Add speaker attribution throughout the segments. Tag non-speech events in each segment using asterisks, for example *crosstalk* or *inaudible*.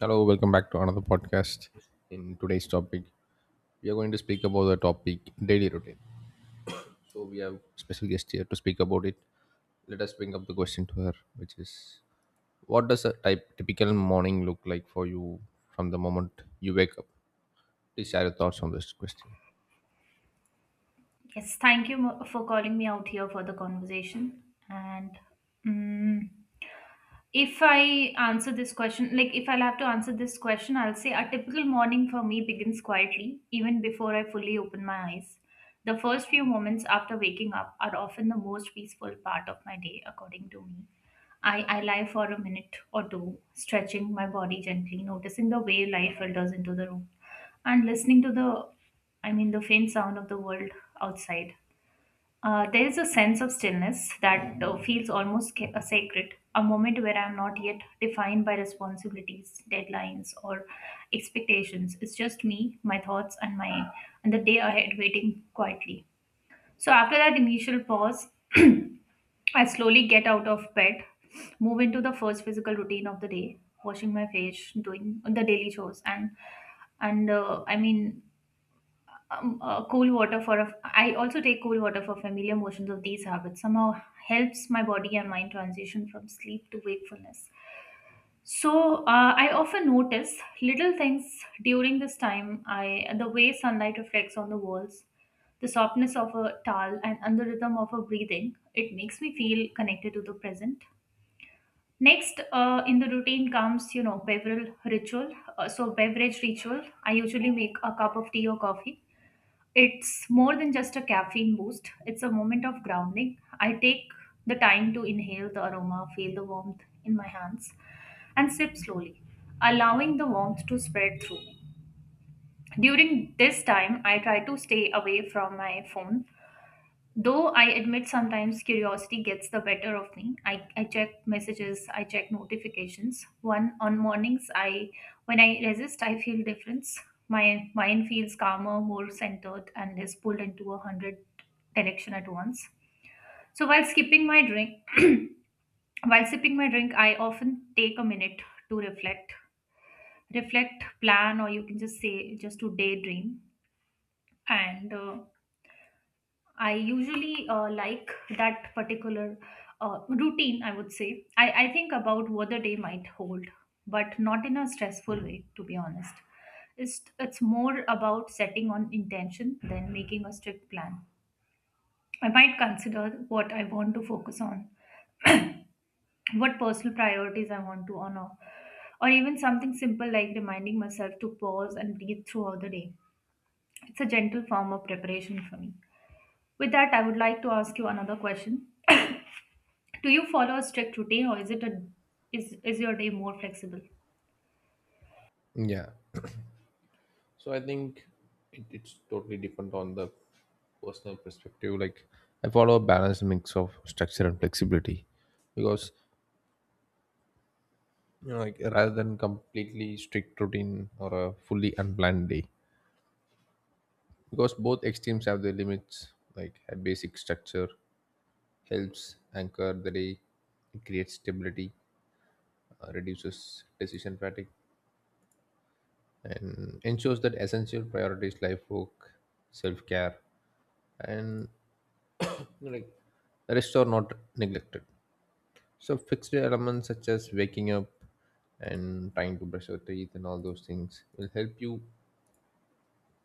Speaker 1: Hello, welcome back to another podcast. In today's topic, we are going to speak about the topic daily routine. So we have special guest here to speak about it. Let us bring up the question to her, which is, what does a type typical morning look like for you from the moment you wake up? Please share your thoughts on this question.
Speaker 2: Yes, thank you for calling me out here for the conversation. And mm, if I answer this question, like If I'll have to answer this question, I'll say a typical morning for me begins quietly, even before I fully open my eyes. The first few moments after waking up are often the most peaceful part of my day, according to me. I lie for a minute or two, stretching my body gently, noticing the way light filters into the room, and listening to the faint sound of the world outside. There is a sense of stillness that feels almost sacred, a moment where I am not yet defined by responsibilities, deadlines, or expectations. It's just me, my thoughts, and my and the day ahead waiting quietly. So after that initial pause, *clears throat* I slowly get out of bed, move into the first physical routine of the day, washing my face, doing the daily chores, and cool water for a I also take cool water for familiar motions of these habits somehow helps my body and mind transition from sleep to wakefulness. So I often notice little things during this time I the way sunlight reflects on the walls, the softness of a towel, and the rhythm of a breathing. It makes me feel connected to the present. Next, in the routine comes beverage ritual. Beverage ritual, I usually make a cup of tea or coffee. It's more than just a caffeine boost, it's a moment of grounding. I take the time to inhale the aroma, feel the warmth in my hands, and sip slowly, allowing the warmth to spread through me. During this time, I try to stay away from my phone. Though I admit sometimes curiosity gets the better of me. I check messages, I check notifications. One on mornings I when I resist I feel difference. My mind feels calmer, more centered and is pulled into a hundred direction at once. So while sipping my drink I often take a minute to reflect. Reflect, plan, or you can just say just to daydream. And I usually like that particular Routine, I would say. I think about what the day might hold, but not in a stressful way, to be honest. It's more about setting on intention than making a strict plan. I might consider what I want to focus on, what personal priorities I want to honor, or even something simple like reminding myself to pause and breathe throughout the day. It's a gentle form of preparation for me. With that, I would like to ask you another question. Do you follow a strict routine or is it a is your day more flexible?
Speaker 1: Yeah. So I think it's totally different on the personal perspective. Like I follow a balanced mix of structure and flexibility because you know, like, rather than completely strict routine or a fully unplanned day. Because both extremes have their limits, like a basic structure helps anchor the day, it creates stability, reduces decision fatigue, and ensures that essential priorities like work, self care, and you know, like rest are not neglected. So, fixed elements such as waking up and trying to brush your teeth and all those things will help you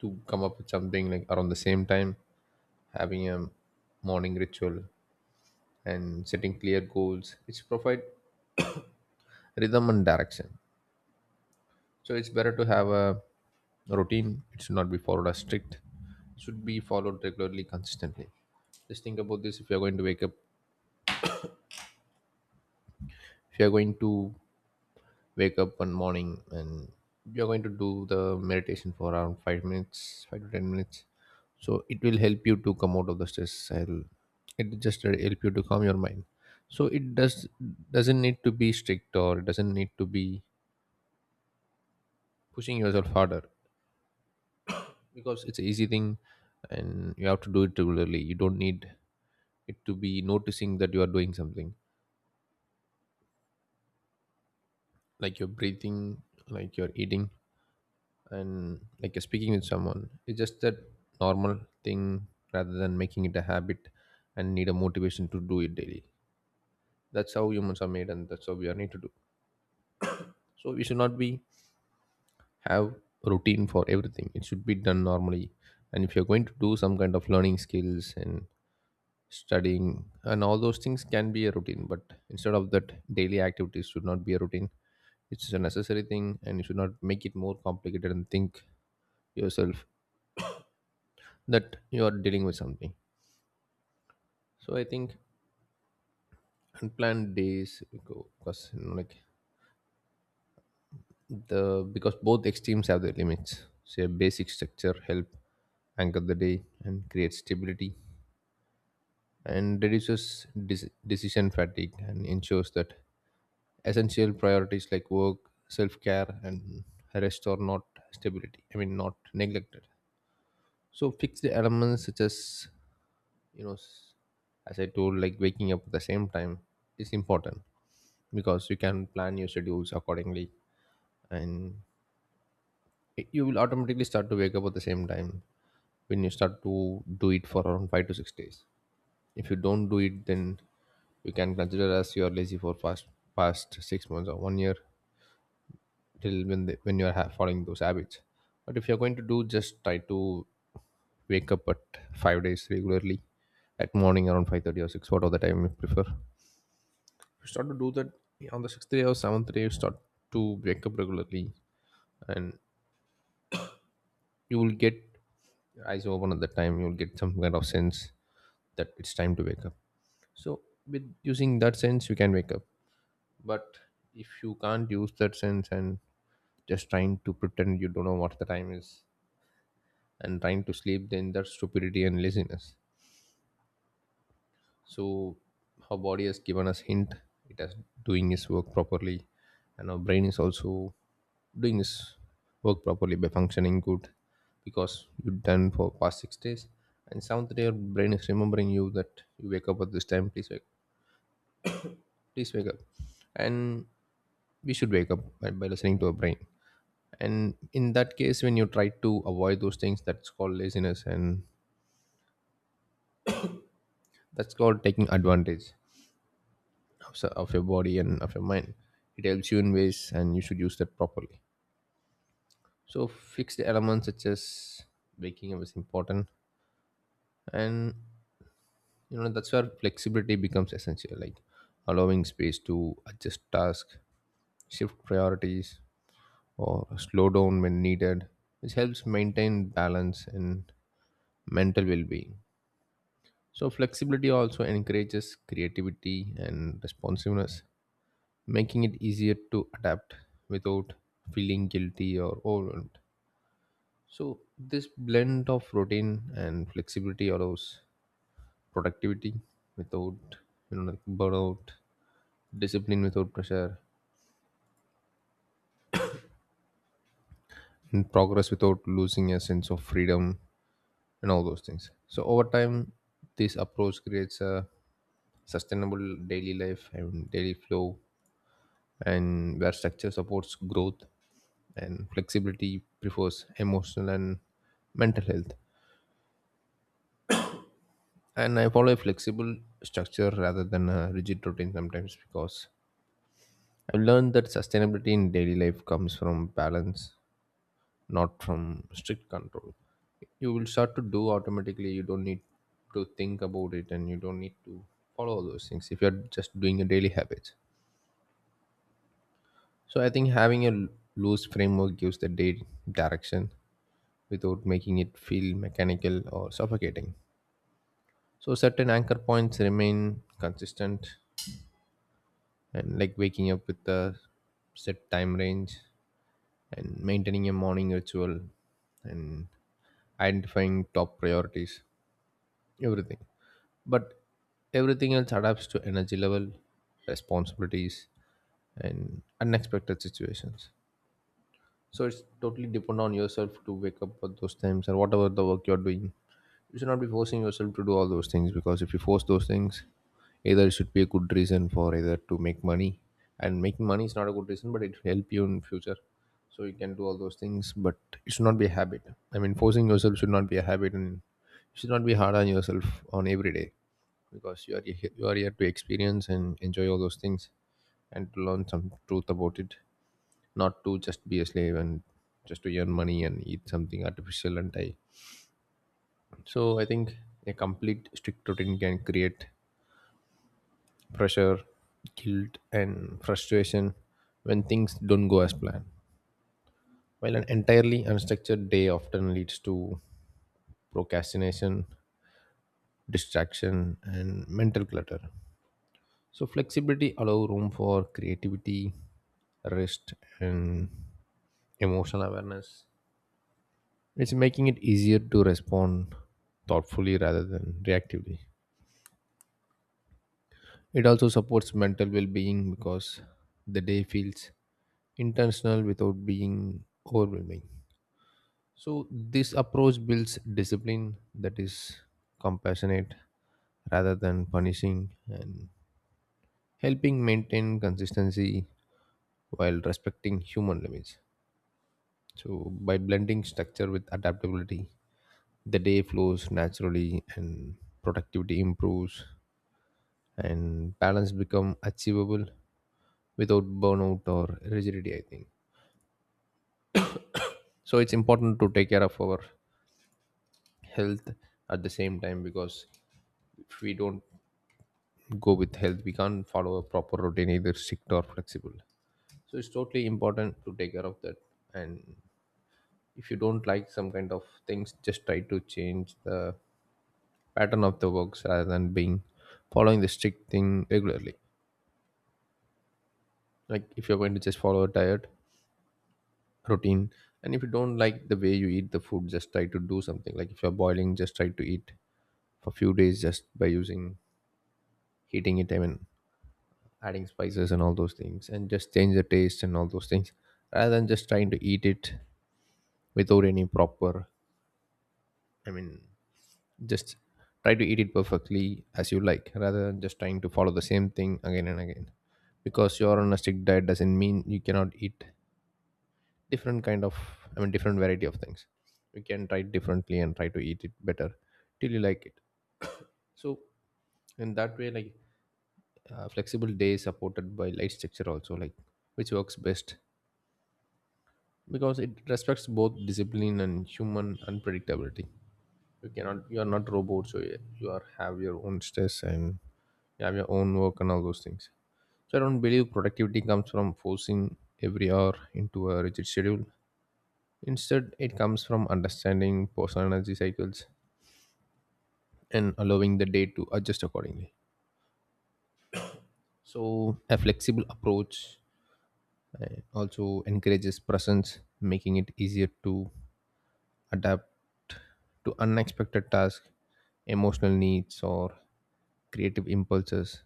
Speaker 1: to come up with something like around the same time, having a morning ritual and setting clear goals which provide rhythm and direction. So it's better to have a routine. It should not be followed as strict. It should be followed regularly, consistently. Just think about this: if you're going to wake up, if you're going to wake up one morning and you're going to do the meditation for around 5 minutes, 5 to 10 minutes, so it will help you to come out of the stress cycle, it just help you to calm your mind. So it does doesn't need to be strict, or it doesn't need to be pushing yourself harder, because it's an easy thing and you have to do it regularly. You don't need it to be noticing that you are doing something, like you're breathing, like you're eating, and like you're speaking with someone. It's just that normal thing rather than making it a habit and need a motivation to do it daily. That's how humans are made and that's how we are need to do. So we should not be have routine for everything. It should be done normally. And if you're going to do some kind of learning skills and studying and all those things can be a routine, but instead of that, daily activities should not be a routine. It's a necessary thing and you should not make it more complicated and think yourself that you are dealing with something. So I think unplanned days go because you know, like the, because both extremes have their limits. So a basic structure help anchor the day and create stability and reduces decision fatigue and ensures that essential priorities like work, self care, and rest are not stability. I mean, not neglected. So fixed elements such as you know, as I told, like waking up at the same time is important because you can plan your schedules accordingly, and you will automatically start to wake up at the same time when you start to do it for around 5 to 6 days. If you don't do it then you can consider as you are lazy for past 6 months or one year till when when you are following those habits. But if you're going to do, just try to wake up at 5 days regularly at morning around 5:30 or 6, whatever the time you prefer. You start to do that. On the 6th day or 7th day you start to wake up regularly, and you will get your eyes open at that time. You'll get some kind of sense that it's time to wake up. So with using that sense you can wake up. But if you can't use that sense and just trying to pretend you don't know what the time is and trying to sleep, then that's stupidity and laziness. So our body has given us hint. It has doing its work properly, and our brain is also doing its work properly by functioning good because you've done for past 6 days. And seventh day, your brain is remembering you that you wake up at this time. Please wake up, and we should wake up by listening to our brain. And in that case when you try to avoid those things, that's called laziness and that's called taking advantage of your body and of your mind. It helps you in ways and you should use that properly. So fixed elements such as waking up is important. And you know, that's where flexibility becomes essential, like allowing space to adjust tasks, shift priorities, or slow down when needed, which helps maintain balance and mental well-being. So, flexibility also encourages creativity and responsiveness, making it easier to adapt without feeling guilty or overwhelmed. So, this blend of routine and flexibility allows productivity without you know like burnout, discipline without pressure, and progress without losing a sense of freedom and all those things. So, over time, this approach creates a sustainable daily life and daily flow, and where structure supports growth and flexibility prefers emotional and mental health. And I follow a flexible structure rather than a rigid routine sometimes because I've learned that sustainability in daily life comes from balance, not from strict control. You will start to do automatically. You don't need to think about it and you don't need to follow all those things if you're just doing your daily habits. So I think having a loose framework gives the day direction without making it feel mechanical or suffocating. So certain anchor points remain consistent, and like waking up with a set time range and maintaining a morning ritual and identifying top priorities, everything. But everything else adapts to energy level, responsibilities and unexpected situations. So it's totally depend on yourself to wake up at those times or whatever the work you're doing. You should not be forcing yourself to do all those things, because if you force those things, either it should be a good reason for either to make money. And making money is not a good reason, but it will help you in future. So you can do all those things, but it should not be a habit. I mean, forcing yourself should not be a habit, and you should not be hard on yourself on every day because you are here to experience and enjoy all those things and to learn some truth about it, not to just be a slave and just to earn money and eat something artificial and die. So I think a complete strict routine can create pressure, guilt, and frustration when things don't go as planned. While an entirely unstructured day often leads to procrastination, distraction, and mental clutter. So flexibility allows room for creativity, rest, and emotional awareness. It's making it easier to respond thoughtfully rather than reactively. It also supports mental well being because the day feels intentional without being overwhelming. So, this approach builds discipline that is compassionate rather than punishing, and helping maintain consistency while respecting human limits. So, by blending structure with adaptability, the day flows naturally and productivity improves and balance become achievable without burnout or rigidity, I think. So it's important to take care of our health at the same time, because if we don't go with health, we can't follow a proper routine, either strict or flexible. So it's totally important to take care of that. And if you don't like some kind of things, just try to change the pattern of the works rather than being following the strict thing regularly. Like if you're going to just follow a diet routine, and if you don't like the way you eat the food, just try to do something. Like if you're boiling, just try to eat for a few days just by using heating it. I mean, adding spices and all those things, and just change the taste and all those things, rather than just trying to eat it without any proper. I mean, just try to eat it perfectly as you like, rather than just trying to follow the same thing again and again. Because you're on a strict diet doesn't mean you cannot eat different kind of, I mean, different variety of things. You can try it differently and try to eat it better till you like it. So in that way, like flexible day supported by light structure also, like, which works best because it respects both discipline and human unpredictability. You cannot, you are not robot, so you are have your own stress and you have your own work and all those things. So I don't believe productivity comes from forcing every hour into a rigid schedule. Instead it comes from understanding personal energy cycles and allowing the day to adjust accordingly. So a flexible approach, it also encourages presence, making it easier to adapt to unexpected tasks, emotional needs, or creative impulses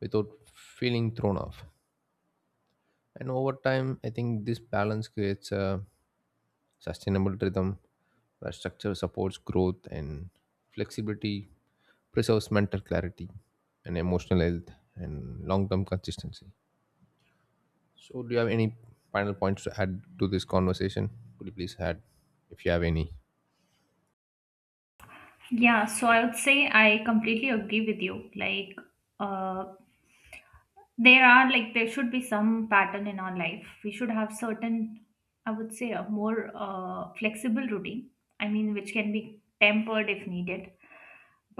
Speaker 1: without feeling thrown off. And over time, I think this balance creates a sustainable rhythm where structure supports growth and flexibility, preserves mental clarity and emotional health, and long term consistency. So, do you have any final points to add to this conversation? Could you please add if you have any?
Speaker 2: Yeah, so I would say I completely agree with you. Uh, there are there should be some pattern in our life. We should have certain, I would say, a more flexible routine, I mean, which can be tempered if needed.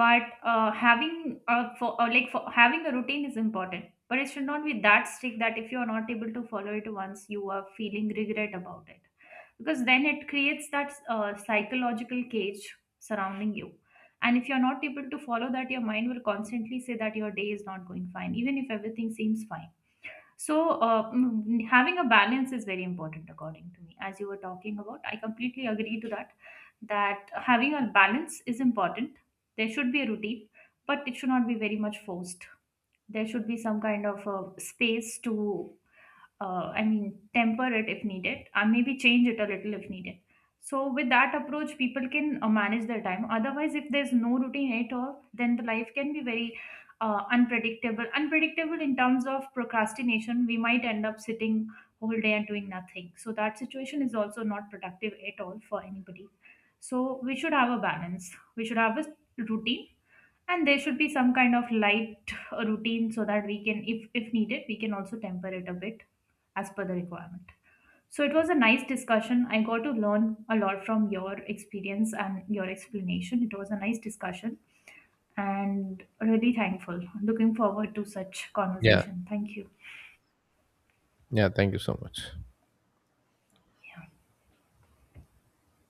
Speaker 2: But having for like for Having a routine is important, but it should not be that strict that if you are not able to follow it once, you are feeling regret about it, because then it creates that psychological cage surrounding you. And if you're not able to follow that, your mind will constantly say that your day is not going fine, even if everything seems fine. So, having a balance is very important, according to me. As you were talking about, I completely agree to that. That having a balance is important. There should be a routine, but it should not be very much forced. There should be some kind of a space to temper it if needed, and maybe change it a little if needed. So, with that approach, people can manage their time. Otherwise, if there's no routine at all, then the life can be very unpredictable. Unpredictable in terms of procrastination, we might end up sitting whole day and doing nothing. So, that situation is also not productive at all for anybody. So, we should have a balance. We should have a routine, and there should be some kind of light routine so that we can, if needed, we can also temper it a bit as per the requirement. So it was a nice discussion. I got to learn a lot from your experience and your explanation. It was a nice discussion and really thankful. Looking forward to such
Speaker 1: Yeah.
Speaker 2: conversation. Thank you.
Speaker 1: Yeah. Thank you so much.